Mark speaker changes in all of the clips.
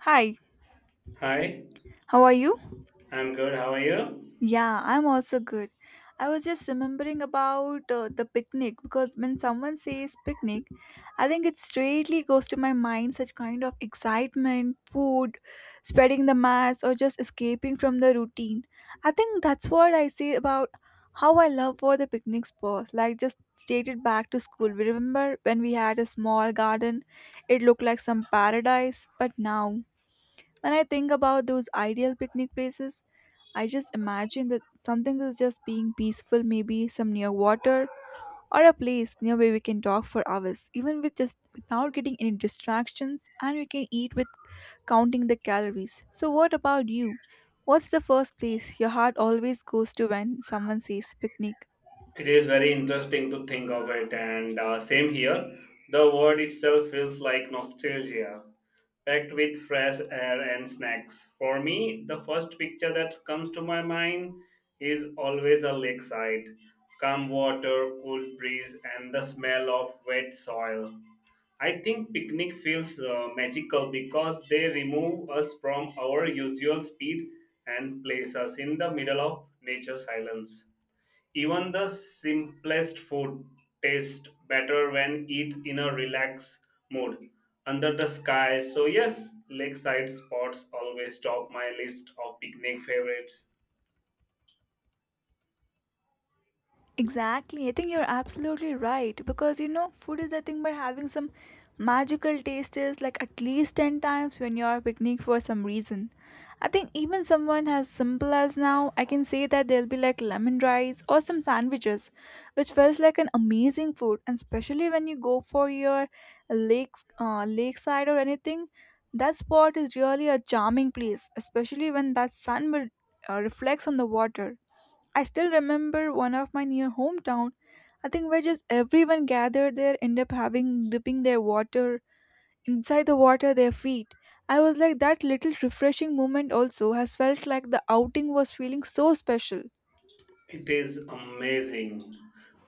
Speaker 1: Hi,
Speaker 2: Hi,
Speaker 1: how are you?
Speaker 2: I'm good. How are you?
Speaker 1: Yeah, I'm also good. I was just remembering about the picnic, because when someone says picnic, I think it straightly goes to my mind such kind of excitement, food, spreading the mass, or just escaping from the routine. I think that's what I say about how I love for the picnic spots. Like just stated back to school. We remember when we had a small garden, it looked like some paradise, but now. When I think about those ideal picnic places, I just imagine that something is just being peaceful, maybe some near water or a place near where we can talk for hours, even with just without getting any distractions, and we can eat with counting the calories. So, what about you? What's the first place your heart always goes to when someone says picnic?
Speaker 2: It is very interesting to think of it, and same here. The word itself feels like nostalgia, packed with fresh air and snacks. For me, the first picture that comes to my mind is always a lakeside, calm water, cool breeze, and the smell of wet soil. I think picnic feels magical because they remove us from our usual speed and place us in the middle of nature's silence. Even the simplest food tastes better when eat in a relaxed mood under the sky. So yes, lakeside spots always top my list of picnic favorites.
Speaker 1: Exactly. I think you're absolutely right because food is nothing but having some magical tastes like at least 10 times when you're picnic for some reason. I think even someone as simple as now, I can say that there'll be like lemon rice or some sandwiches, which feels like an amazing food, and especially when you go for your lake lakeside or anything. That spot is really a charming place, especially when that sun will reflects on the water. I still remember one of my near hometown. I think where just everyone gathered there, end up having dipping their water inside the water their feet. I was like that little refreshing moment also has felt like the outing was feeling so special.
Speaker 2: It is amazing.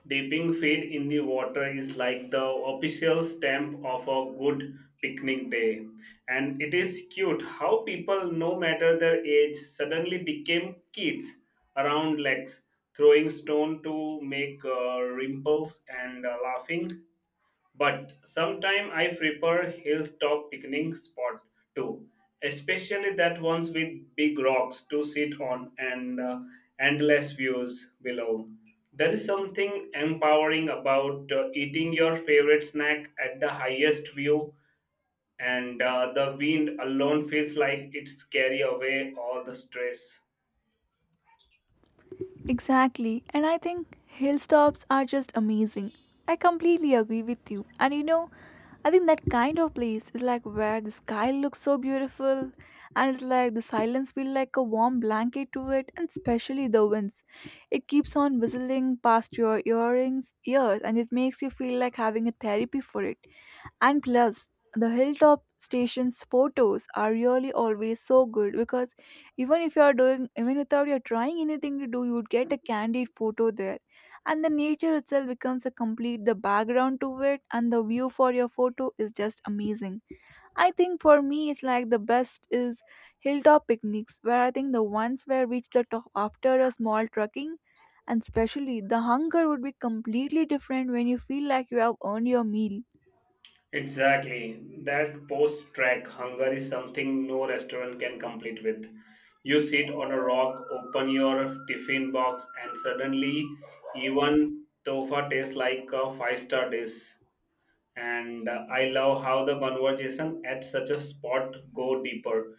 Speaker 2: Dipping feet in the water is like the official stamp of a good picnic day. And it is cute how people, no matter their age, suddenly became kids around lakes, throwing stone to make ripples, and laughing, but sometimes I prefer hilltop picnic spot too, especially that ones with big rocks to sit on and endless views below. There is something empowering about eating your favorite snack at the highest view, and the wind alone feels like it's carry away all the stress.
Speaker 1: Exactly, and I think hill stops are just amazing. I completely agree with you. And I think that kind of place is like where the sky looks so beautiful, and it's like the silence feels like a warm blanket to it, and especially the winds. It keeps on whistling past your earrings ears, and it makes you feel like having a therapy for it. And plus, the hilltop station's photos are really always so good because even if you are doing, even without you're trying anything to do, you would get a candid photo there, and the nature itself becomes a complete the background to it, and the view for your photo is just amazing. I think for me it's like the best is hilltop picnics, where I think the ones where reach the top after a small trekking, and especially the hunger would be completely different when you feel like you have earned your meal.
Speaker 2: Exactly. That post track hunger is something no restaurant can complete with. You sit on a rock, open your tiffin box, and suddenly even tofa tastes like a five-star dish. And I love how the conversation at such a spot go deeper.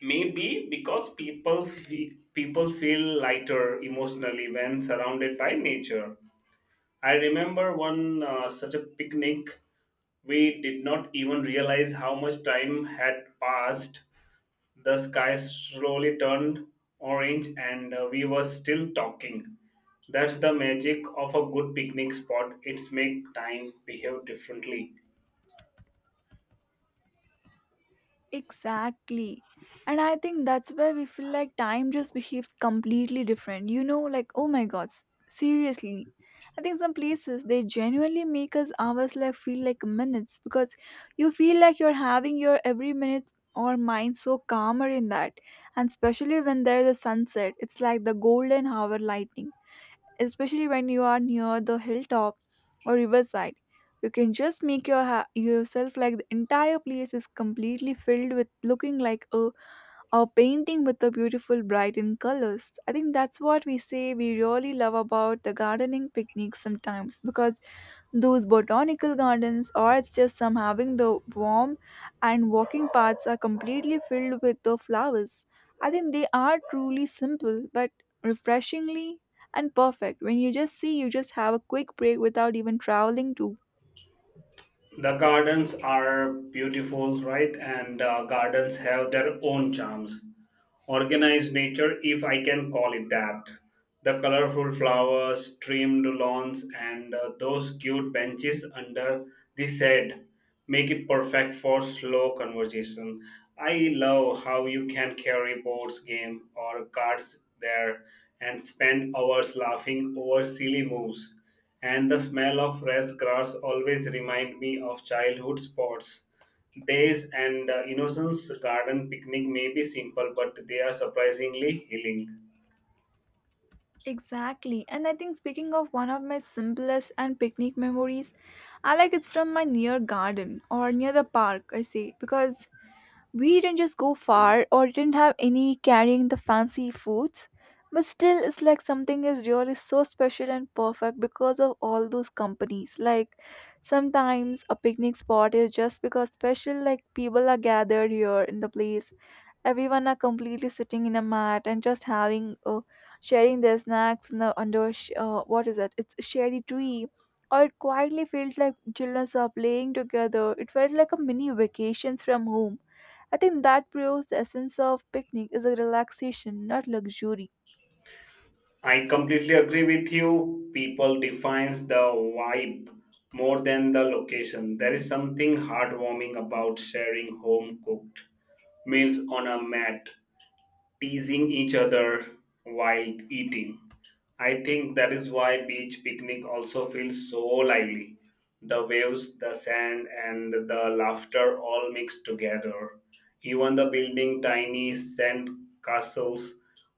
Speaker 2: Maybe because people feel lighter emotionally when surrounded by nature. I remember one such a picnic, we did not even realize how much time had passed. The sky slowly turned orange, and we were still talking. That's the magic of a good picnic spot. It's make time behave differently.
Speaker 1: Exactly. And I think that's where we feel like time just behaves completely different. Like, oh my god, seriously. I think some places they genuinely make us hours like feel like minutes because you feel like you're having your every minute or mind so calmer in that. And especially when there's a sunset, it's like the golden hour lightning, especially when you are near the hilltop or riverside. You can just make your yourself like the entire place is completely filled with looking like a or painting with the beautiful bright in colors. I think that's what we say we really love about the gardening picnics sometimes, because those botanical gardens or it's just some having the warm and walking paths are completely filled with the flowers. I think they are truly simple but refreshingly and perfect. When you just see, you just have a quick break without even traveling to.
Speaker 2: The gardens are beautiful, right? And gardens have their own charms, organized nature, if I can call it that. The colorful flowers, trimmed lawns, and those cute benches under the shade make it perfect for slow conversation. I love how you can carry boards game or cards there and spend hours laughing over silly moves. And the smell of fresh grass always remind me of childhood sports days and innocence. Garden picnic may be simple, but they are surprisingly healing.
Speaker 1: Exactly. And I think speaking of one of my simplest and picnic memories, I like it's from my near garden or near the park, I say, because we didn't just go far or didn't have any carrying the fancy foods, but still, it's like something is really so special and perfect because of all those companies. Like sometimes a picnic spot is just because special, like people are gathered here in the place. Everyone are completely sitting in a mat and just having, sharing their snacks in the, under, what is it? It's a shady tree or it quietly felt like children are playing together. It felt like a mini vacations from home. I think that proves the essence of picnic is a relaxation, not luxury.
Speaker 2: I completely agree with you. People defines the vibe more than the location. There is something heartwarming about sharing home cooked meals on a mat, teasing each other while eating. I think that is why beach picnic also feels so lively. The waves, the sand, and the laughter all mixed together. Even the building tiny sand castles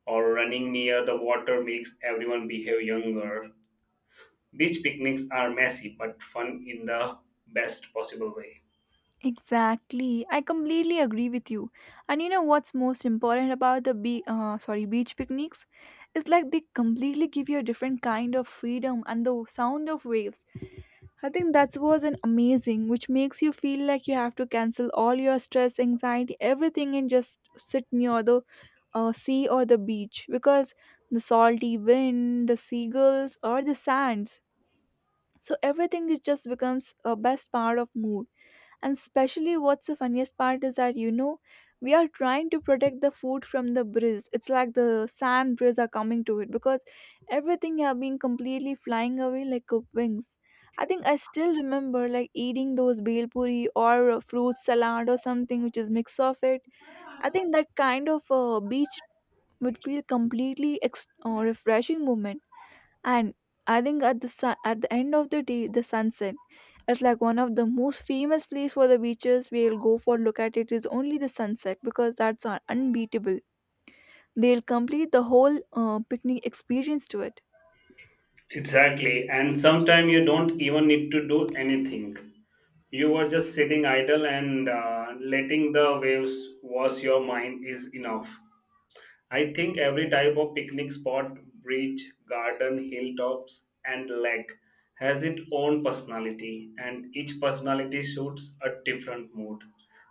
Speaker 2: or running near the water makes everyone behave younger. Beach picnics are messy but fun in the best possible way.
Speaker 1: Exactly. I completely agree with you. And you know what's most important about the sorry, beach picnics? It's like they completely give you a different kind of freedom and the sound of waves. I think that was an amazing, which makes you feel like you have to cancel all your stress, anxiety, everything, and just sit near the sea or the beach, because the salty wind, the seagulls, or the sands. So everything is just becomes a best part of mood. And especially what's the funniest part is that we are trying to protect the food from the breeze. It's like the sand breeze are coming to it because everything have been completely flying away like a wings. I think I still remember like eating those bhel puri or a fruit salad or something which is mix of it. I think that kind of beach would feel completely refreshing moment. And I think at the sun, at the end of the day, the sunset, it's like one of the most famous place for the beaches. We'll go for look at it is only the sunset because that's unbeatable. They'll complete the whole picnic experience to it.
Speaker 2: Exactly, and sometimes you don't even need to do anything. You were just sitting idle, and letting the waves wash your mind is enough. I think every type of picnic spot, beach, garden, hilltops, and lake, has its own personality, and each personality suits a different mood.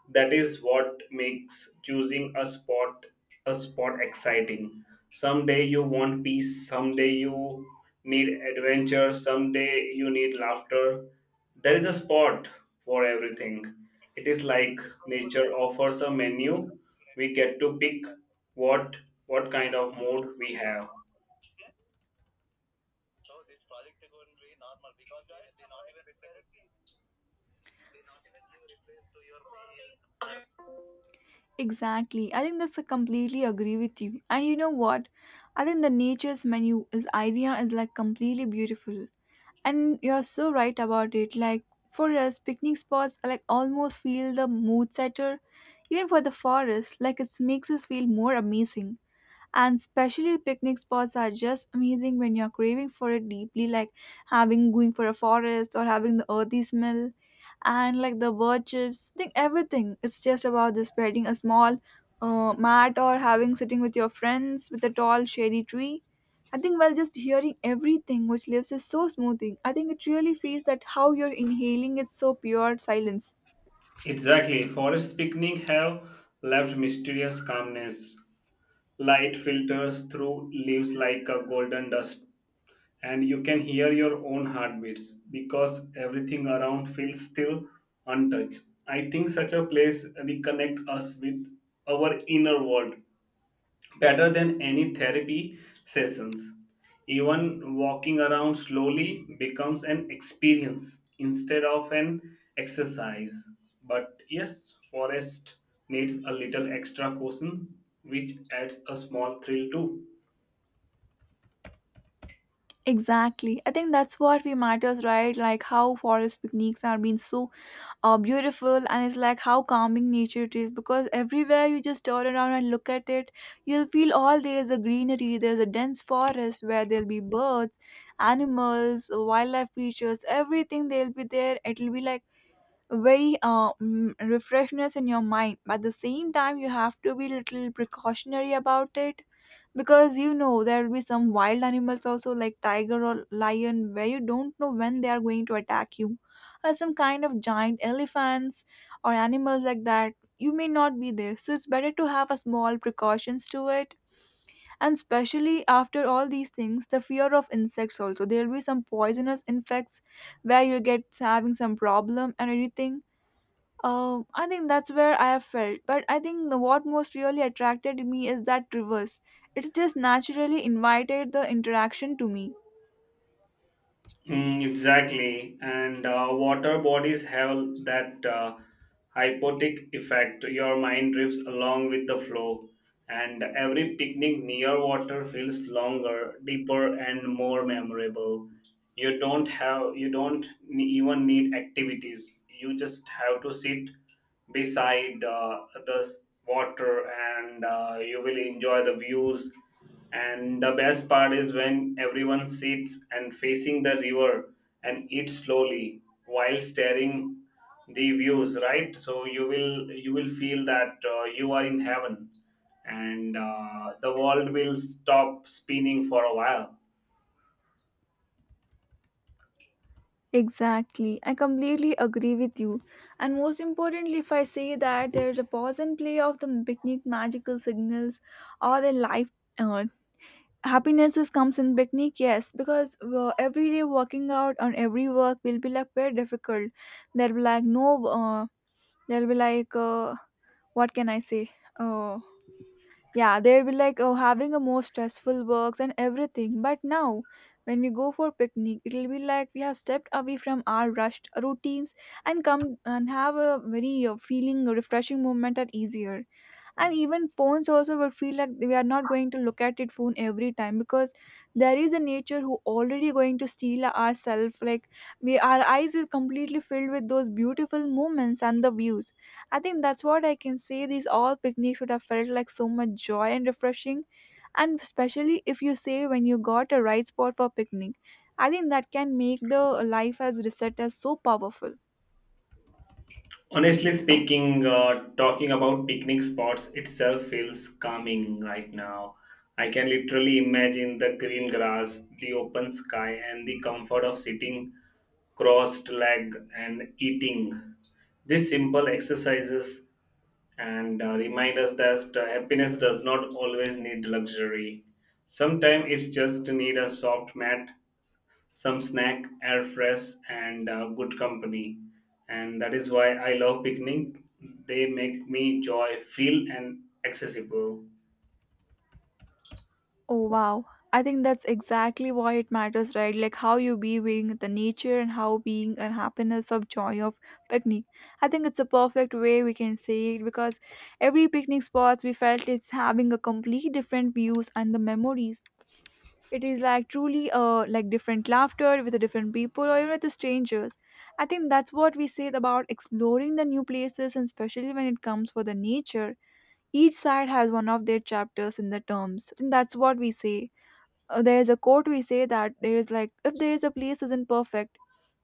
Speaker 2: That is what makes choosing a spot exciting. Someday you want peace, someday you need adventure, someday you need laughter. There is a spot for everything. It is like nature offers a menu we get to pick what what kind of mood we have.
Speaker 1: Exactly. I think that's a completely agree with you. And you know what? I think the nature's menu is idea is like completely beautiful. And you're so right about it. Like for us, picnic spots are like almost feel the mood setter. Even for the forest, like it makes us feel more amazing. And especially picnic spots are just amazing when you're craving for it deeply, like having going for a forest or having the earthy smell, and like the bird chips think everything it's just about the spreading a small mat or having sitting with your friends with a tall shady tree. I think while just hearing everything which lives is so smoothing, I think it really feels that how you're inhaling it's so pure silence.
Speaker 2: Exactly. Forest picnic have left mysterious calmness. Light filters through leaves like a golden dust, and you can hear your own heartbeats because everything around feels still, untouched. I think such a place reconnect us with our inner world better than any therapy sessions. Even walking around slowly becomes an experience instead of an exercise. But yes, forest needs a little extra caution, which adds a small thrill too.
Speaker 1: Exactly. I think that's what we matters, right? Like how forest picnics are being so beautiful, and it's like how calming nature it is. Because everywhere you just turn around and look at it, you'll feel all there is a greenery. There's a dense forest where there'll be birds, animals, wildlife creatures, everything. They'll be there. It'll be like very refreshness in your mind. But at the same time, you have to be little precautionary about it, because you know there will be some wild animals also like tiger or lion, where you don't know when they are going to attack you, or some kind of giant elephants or animals like that you may not be there, so it's better to have a small precautions to it. And especially after all these things, the fear of insects also there will be some poisonous insects where you get having some problem and everything. I think that's where I have felt, but I think the, what most really attracted me is that reverse. It's just naturally invited the interaction to me.
Speaker 2: Mm, exactly. And water bodies have that hypotic effect. Your mind drifts along with the flow, and every picnic near water feels longer, deeper, and more memorable. You don't ne- even need activities. You just have to sit beside water, and you will enjoy the views. And the best part is when everyone sits and facing the river and eats slowly while staring the views, right? So you will feel that you are in heaven, and the world will stop spinning for a while.
Speaker 1: Exactly. I completely agree with you. And most importantly, if I say that there's a pause and play of the picnic magical signals or the life uh, happiness is comes in picnic, yes, because every day working out on every work will be like very difficult. There'll be like no, there'll be like, uh, what can I say? Uh, Yeah, they'll be like, oh, having a more stressful works and everything. But now, when we go for picnic, it'll be like we have stepped away from our rushed routines, and come and have a very feeling refreshing moment and easier. And even phones also would feel like we are not going to look at it phone every time, because there is a nature who already going to steal ourself, like we our eyes is completely filled with those beautiful moments and the views. I think that's what I can say these all picnics would have felt like so much joy and refreshing, and especially if you say when you got a right spot for picnic, I think that can make the life as reset as so powerful.
Speaker 2: Honestly speaking, talking about picnic spots itself feels calming right now. I can literally imagine the green grass, the open sky, and the comfort of sitting crossed leg and eating. These simple exercises and remind us that happiness does not always need luxury. Sometimes it's just need a soft mat, some snack, air fresh, and good company. And that is why I love picnic. They make me joy, feel, and accessible.
Speaker 1: Oh wow. I think that's exactly why it matters, right? Like how you being the nature and how being and happiness of joy of picnic. I think it's a perfect way we can say it because every picnic spots we felt it's having a complete different views and the memories. It is like truly like different laughter with the different people or even with the strangers. I think that's what we said about exploring the new places, and especially when it comes for the nature. Each side has one of their chapters in the terms. I think that's what we say, there is a quote we say that there is like if there is a place isn't perfect,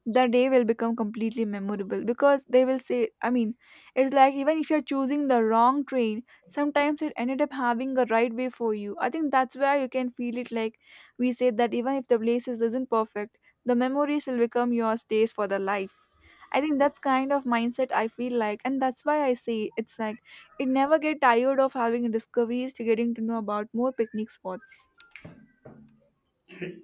Speaker 1: the day will become completely memorable because they will say, I mean, it's like even if you're choosing the wrong train, sometimes it ended up having a right way for you. I think that's where you can feel it, like we say that even if the places is isn't perfect, the memories will become your stays for the life. I think that's kind of mindset I feel like, and that's why I say it's like it never get tired of having discoveries to getting to know about more picnic spots.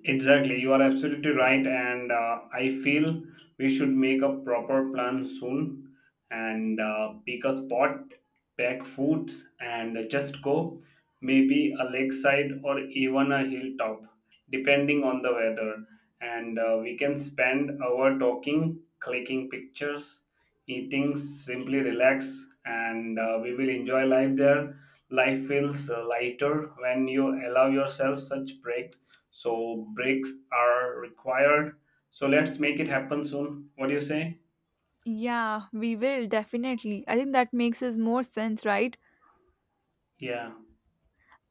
Speaker 2: Exactly, you are absolutely right, and I feel we should make a proper plan soon and pick a spot, pack foods, and just go. Maybe a lakeside or even a hilltop, depending on the weather. And we can spend our talking, clicking pictures, eating, simply relax, and we will enjoy life there. Life feels lighter when you allow yourself such breaks, so breaks are required. So let's make it happen soon. What do you say?
Speaker 1: Yeah, we will definitely. I think that makes us more sense, right?
Speaker 2: Yeah.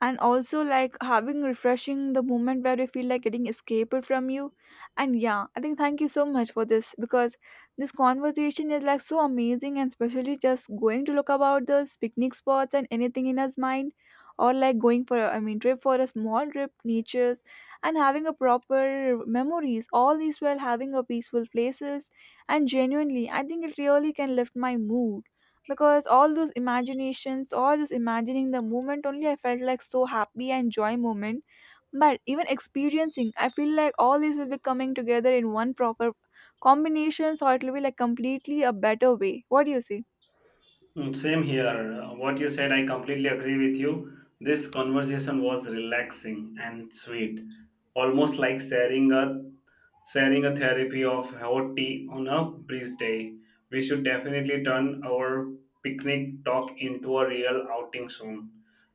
Speaker 1: And also like having refreshing the moment where you feel like getting escaped from you. And yeah, I think thank you so much for this, because this conversation is like so amazing, and especially just going to look about those picnic spots and anything in his mind, or like going for a trip for a small trip, natures, and having a proper memories, all these while having a peaceful places, and genuinely I think it really can lift my mood, because all those imaginations, all those imagining the moment only, I felt like so happy and joy moment. But even experiencing, I feel like all these will be coming together in one proper combination. So it will be like completely a better way. What do you say?
Speaker 2: Mm, same here. What you said, I completely agree with you. This conversation was relaxing and sweet, almost like sharing a therapy of hot tea on a breeze day. We should definitely turn our picnic talk into a real outing soon.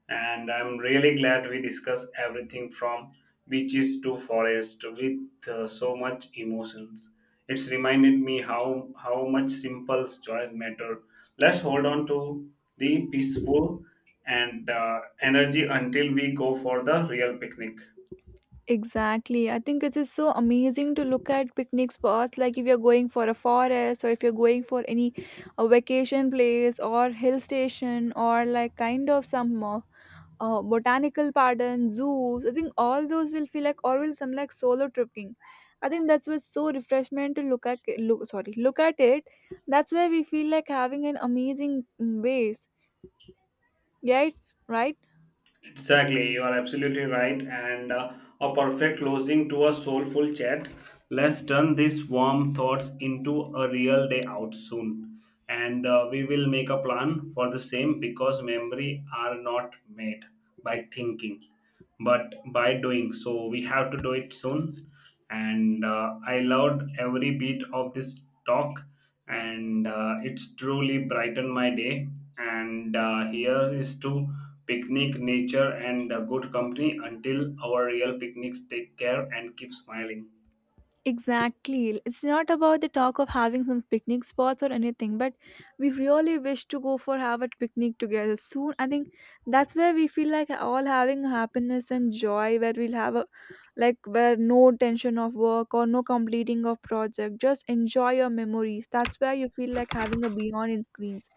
Speaker 2: And I'm really glad we discussed everything from beaches to forest with so much emotions. It's reminded me how much simple joys matter. Let's hold on to the peaceful and energy until we go for the real picnic.
Speaker 1: Exactly. I think it is so amazing to look at picnic spots, like if you're going for a forest, or if you're going for any a vacation place or hill station, or like kind of some botanical garden, zoos. I think all those will feel like, or will some like solo tripping. I think that's what's so refreshment to look at, look, sorry, look at it. That's where we feel like having an amazing ways. Right? Right?
Speaker 2: Exactly, you are absolutely right. And a perfect closing to a soulful chat. Let's turn these warm thoughts into a real day out soon. And we will make a plan for the same, because memory are not made by thinking but by doing, so we have to do it soon. And I loved every bit of this talk, and it's truly brightened my day. And here is to picnic, nature, and good company. Until our real picnics, take care and keep smiling.
Speaker 1: Exactly. It's not about the talk of having some picnic spots or anything, but we really wish to go for have a picnic together soon. I think that's where we feel like all having happiness and joy, where we'll have a like where no tension of work or no completing of project. Just enjoy your memories. That's where you feel like having a beyond in screens.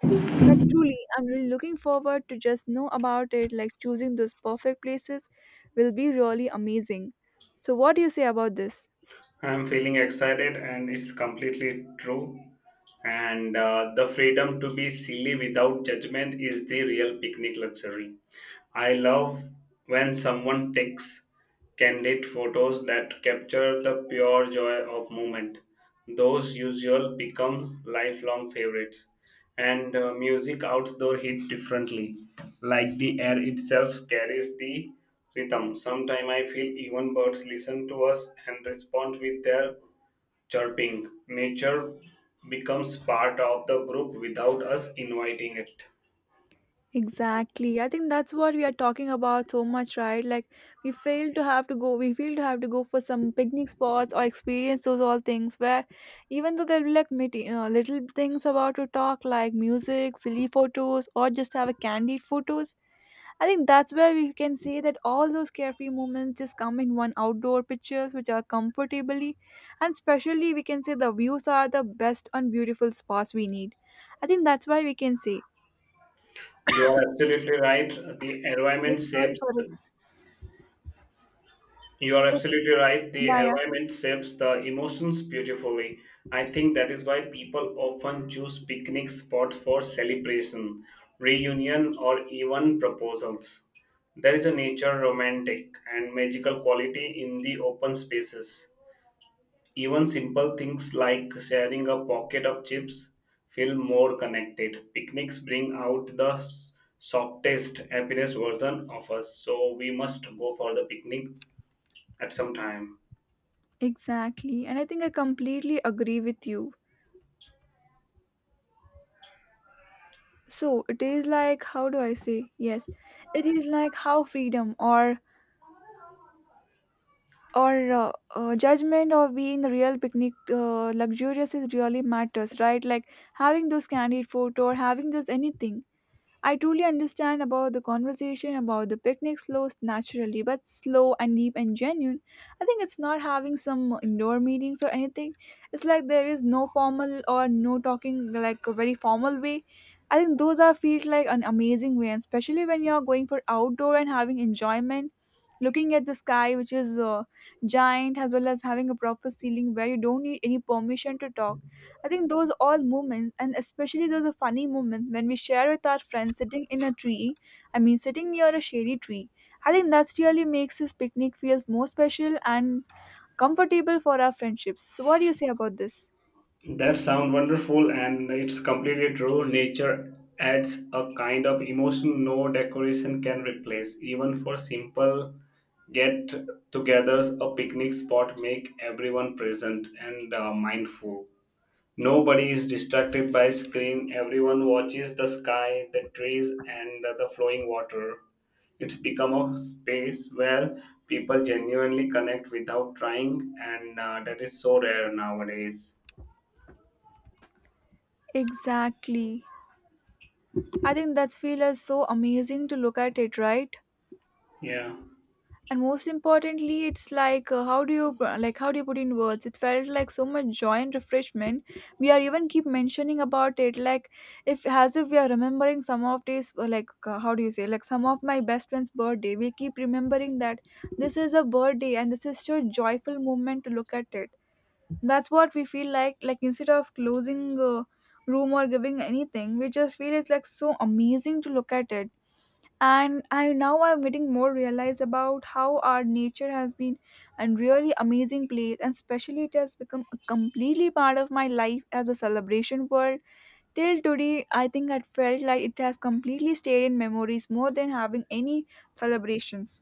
Speaker 1: Like truly, I'm really looking forward to just know about it. Like choosing those perfect places will be really amazing. So what do you say about this?
Speaker 2: I'm feeling excited, and it's completely true. And the freedom to be silly without judgment is the real picnic luxury. I love when someone takes candid photos that capture the pure joy of moment. Those usual become lifelong favorites. And music outdoor hit differently. Like the air itself carries the rhythm. Sometimes I feel even birds listen to us and respond with their chirping. Nature becomes part of the group without us inviting it.
Speaker 1: Exactly. I think that's what we are talking about so much, right? Like we fail to have to go for some picnic spots or experience those all things, where even though there'll be like little things about to talk, like music, silly photos, or just have a candid photos. I think that's where we can say that all those carefree moments just come in one outdoor pictures which are comfortably, and especially we can say the views are the best and beautiful spots we need. I think that's why we can say,
Speaker 2: You are absolutely right. The
Speaker 1: yeah,
Speaker 2: environment
Speaker 1: sorry
Speaker 2: shapes.
Speaker 1: for
Speaker 2: You are
Speaker 1: it.
Speaker 2: absolutely right. The
Speaker 1: Yeah, yeah,
Speaker 2: environment shapes the emotions beautifully. I think that is why people often choose picnic spots for celebration, reunion, or even proposals. There is a nature romantic and magical quality in the open spaces. Even simple things like sharing a pocket of chips feel more connected. Picnics bring out the softest, happiest version of us, so we must go for the picnic at some time.
Speaker 1: exactly. And I think I completely agree with you. So it is like, how do I say? Yes, it is like how freedom or judgment of being the real picnic luxurious is really matters, right? Like having those candid photo or having those anything. I truly understand about the conversation about the picnic flows naturally, but slow and deep and genuine. I think it's not having some indoor meetings or anything. It's like there is no formal or no talking like a very formal way. I think those are feels like an amazing way, and especially when you're going for outdoor and having enjoyment, looking at the sky, which is giant, as well as having a proper ceiling where you don't need any permission to talk. I think those all moments, and especially those funny moments when we share with our friends sitting in a tree, I mean, sitting near a shady tree, I think that's really makes this picnic feels more special and comfortable for our friendships. So what do you say about this?
Speaker 2: That sounds wonderful, and it's completely true. Nature adds a kind of emotion no decoration can replace. Even for simple get togethers, a picnic spot make everyone present and mindful. Nobody is distracted by screen. Everyone watches the sky, the trees, and the flowing water. It's become a space where people genuinely connect without trying, and that is so rare nowadays.
Speaker 1: Exactly. I think that's feel is so amazing to look at it, right?
Speaker 2: Yeah,
Speaker 1: And most importantly it's like, how do you like how do you put in words, it felt like so much joy and refreshment we are even keep mentioning about it, like if as if we are remembering some of these, how do you say, like some of my best friend's birthday we keep remembering that this is a birthday and this is such a joyful moment to look at it. That's what we feel like instead of closing room or giving anything, we just feel it's like so amazing to look at it. And I now I'm getting more realized about how our nature has been a really amazing place, and especially it has become a completely part of my life as a celebration world. Till today I think I felt like it has completely stayed in memories more than having any celebrations.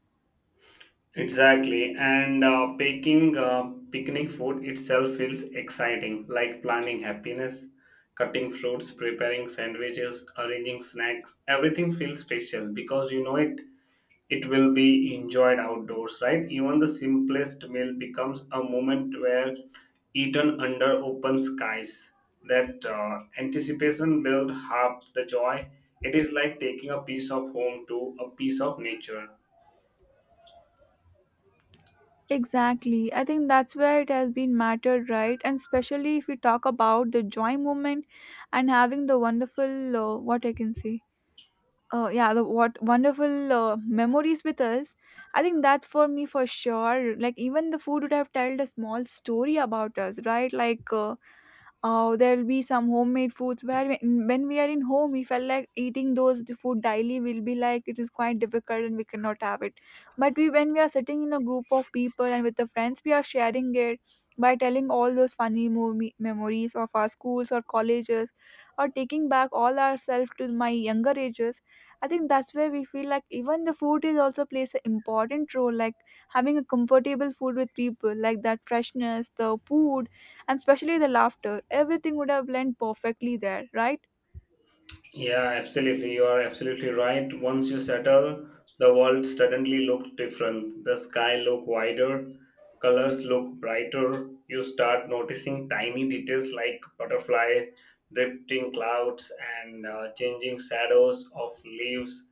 Speaker 2: exactly. And baking picnic food itself feels exciting, like planning happiness, cutting fruits, preparing sandwiches, arranging snacks. Everything feels special because you know it will be enjoyed outdoors, right? Even the simplest meal becomes a moment where eaten under open skies. That anticipation builds half the joy. It is like taking a piece of home to a piece of nature.
Speaker 1: Exactly. I think that's where it has been mattered, right? And especially if we talk about the joy moment and having the wonderful, what I can say, yeah the what wonderful memories with us, I think that's for me for sure, like even the food would have told a small story about us, right? Like there'll be some homemade foods where when we are in home we felt like eating those food daily will be like it is quite difficult and we cannot have it. But we when we are sitting in a group of people and with the friends we are sharing it by telling all those memories of our schools or colleges, or taking back all ourselves to my younger ages. I think that's where we feel like even the food is also plays an important role, like having a comfortable food with people, like that freshness the food, and especially the laughter. Everything would have blended perfectly there, right?
Speaker 2: Yeah, absolutely. You are absolutely right. Once you settle, the world suddenly looked different. The sky looked wider, colors look brighter. You start noticing tiny details like butterfly, drifting clouds, and changing shadows of leaves.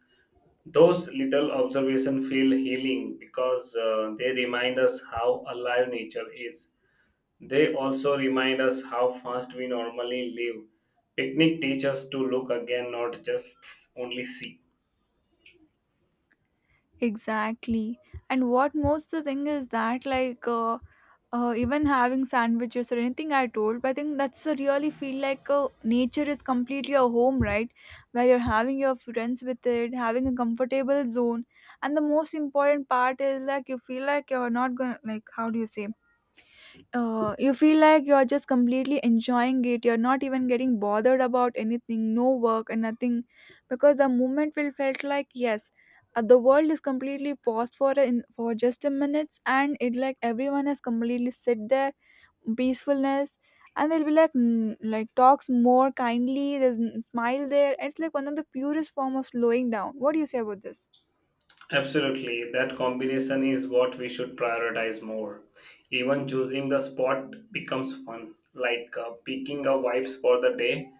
Speaker 2: Those little observations feel healing because they remind us how alive nature is. They also remind us how fast we normally live. Picnic teaches us to look again, not just only see.
Speaker 1: Exactly. And what most the thing is that like, even having sandwiches or anything I told, but I think that's a really feel like nature is completely a home, right? Where you're having your friends with it, having a comfortable zone, and the most important part is like you feel like you're not gonna like, how do you say, you feel like you're just completely enjoying it, you're not even getting bothered about anything, no work and nothing, because the moment will felt like, yes, the world is completely paused for in for just a minute, and it like everyone has completely sit there peacefulness, and they'll be like, like talks more kindly, there's smile there, it's like one of the purest form of slowing down. What do you say about this?
Speaker 2: Absolutely, that combination is what we should prioritize more. Even choosing the spot becomes fun, like picking a vibes for the day.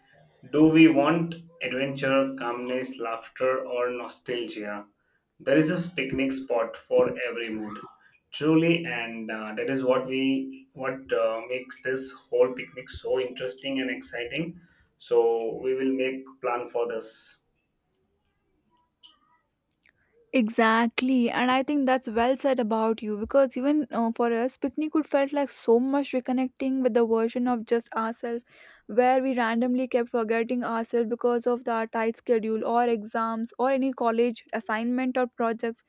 Speaker 2: Do we want adventure, calmness, laughter, or nostalgia? There is a picnic spot for every mood, truly, and that is what we what makes this whole picnic so interesting and exciting. So we will make plan for this.
Speaker 1: Exactly, and I think that's well said about you, because even for us, picnic would felt like so much reconnecting with the version of just ourselves, where we randomly kept forgetting ourselves because of the tight schedule or exams or any college assignment or projects.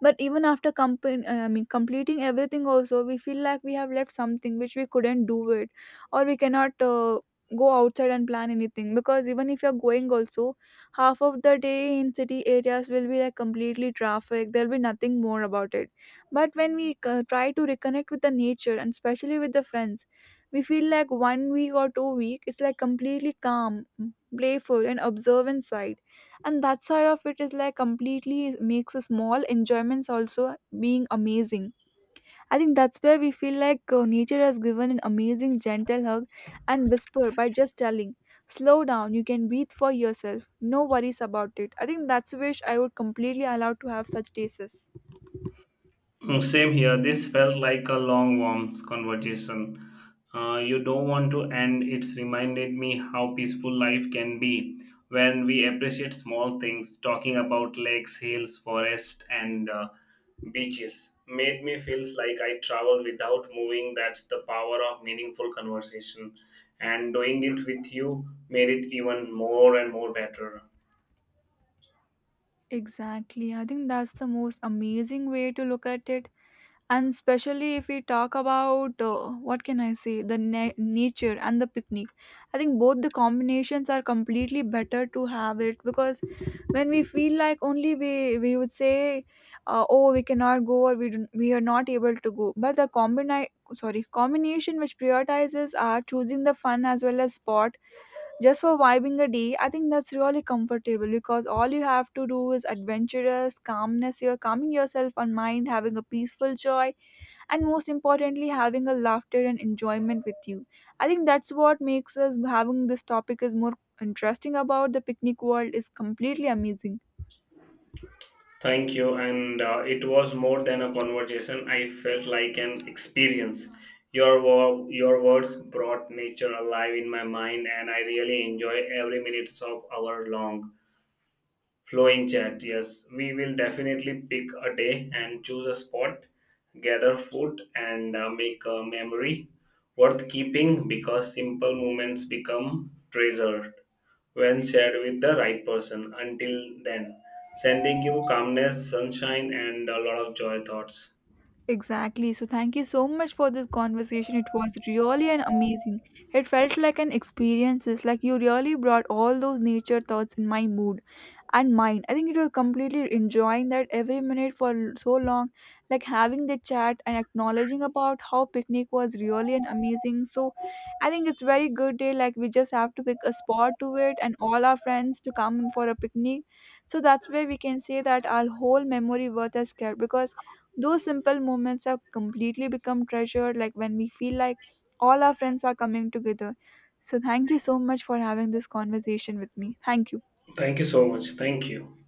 Speaker 1: But even after completing everything, also we feel like we have left something which we couldn't do it, or we cannot. Go outside and plan anything, because even if you're going also, half of the day in city areas will be like completely traffic, there'll be nothing more about it. But when we try to reconnect with the nature, and especially with the friends, we feel like 1 week or 2 week it's like completely calm, playful and observant side, and that side of it is like completely makes a small enjoyments also being amazing. I think that's where we feel like nature has given an amazing, gentle hug and whisper by just telling, slow down, you can breathe for yourself, no worries about it. I think that's a wish I would completely allow to have such cases.
Speaker 2: Mm, same here. This felt like a long, warm conversation. You don't want to end. It's reminded me how peaceful life can be when we appreciate small things. Talking about lakes, hills, forests, and beaches made me feel like I travel without moving. That's the power of meaningful conversation, and doing it with you made it even more and more better.
Speaker 1: Exactly. I think that's the most amazing way to look at it. And especially if we talk about, what can I say, the nature and the picnic, I think both the combinations are completely better to have it, because when we feel like only we would say, oh we cannot go, or we don't, we are not able to go, but the combine, sorry, combination which prioritizes are choosing the fun as well as sport, just for vibing a day. I think that's really comfortable, because all you have to do is adventurous calmness. You're calming yourself on mind, having a peaceful joy, and most importantly having a laughter and enjoyment with you. I think that's what makes us having this topic is more interesting about the picnic world is completely amazing.
Speaker 2: Thank you. And it was more than a conversation. I felt like an experience. Your words brought nature alive in my mind, and I really enjoy every minute of our long flowing chat. Yes, we will definitely pick a day and choose a spot, gather food, and make a memory worth keeping, because simple moments become treasured when shared with the right person. Until then, sending you calmness, sunshine, and a lot of joy thoughts.
Speaker 1: Exactly. So, thank you so much for this conversation. It was really an amazing. It felt like an experience. Like you really brought all those nature thoughts in my mood and mind. I think it was completely enjoying that every minute for so long, like having the chat and acknowledging about how picnic was really an amazing. So, I think it's very good day. Like we just have to pick a spot to it and all our friends to come for a picnic. So that's where we can say that our whole memory worth is kept, because those simple moments have completely become treasured, like when we feel like all our friends are coming together. So, thank you so much for having this conversation with me. Thank you.
Speaker 2: Thank you so much. Thank you.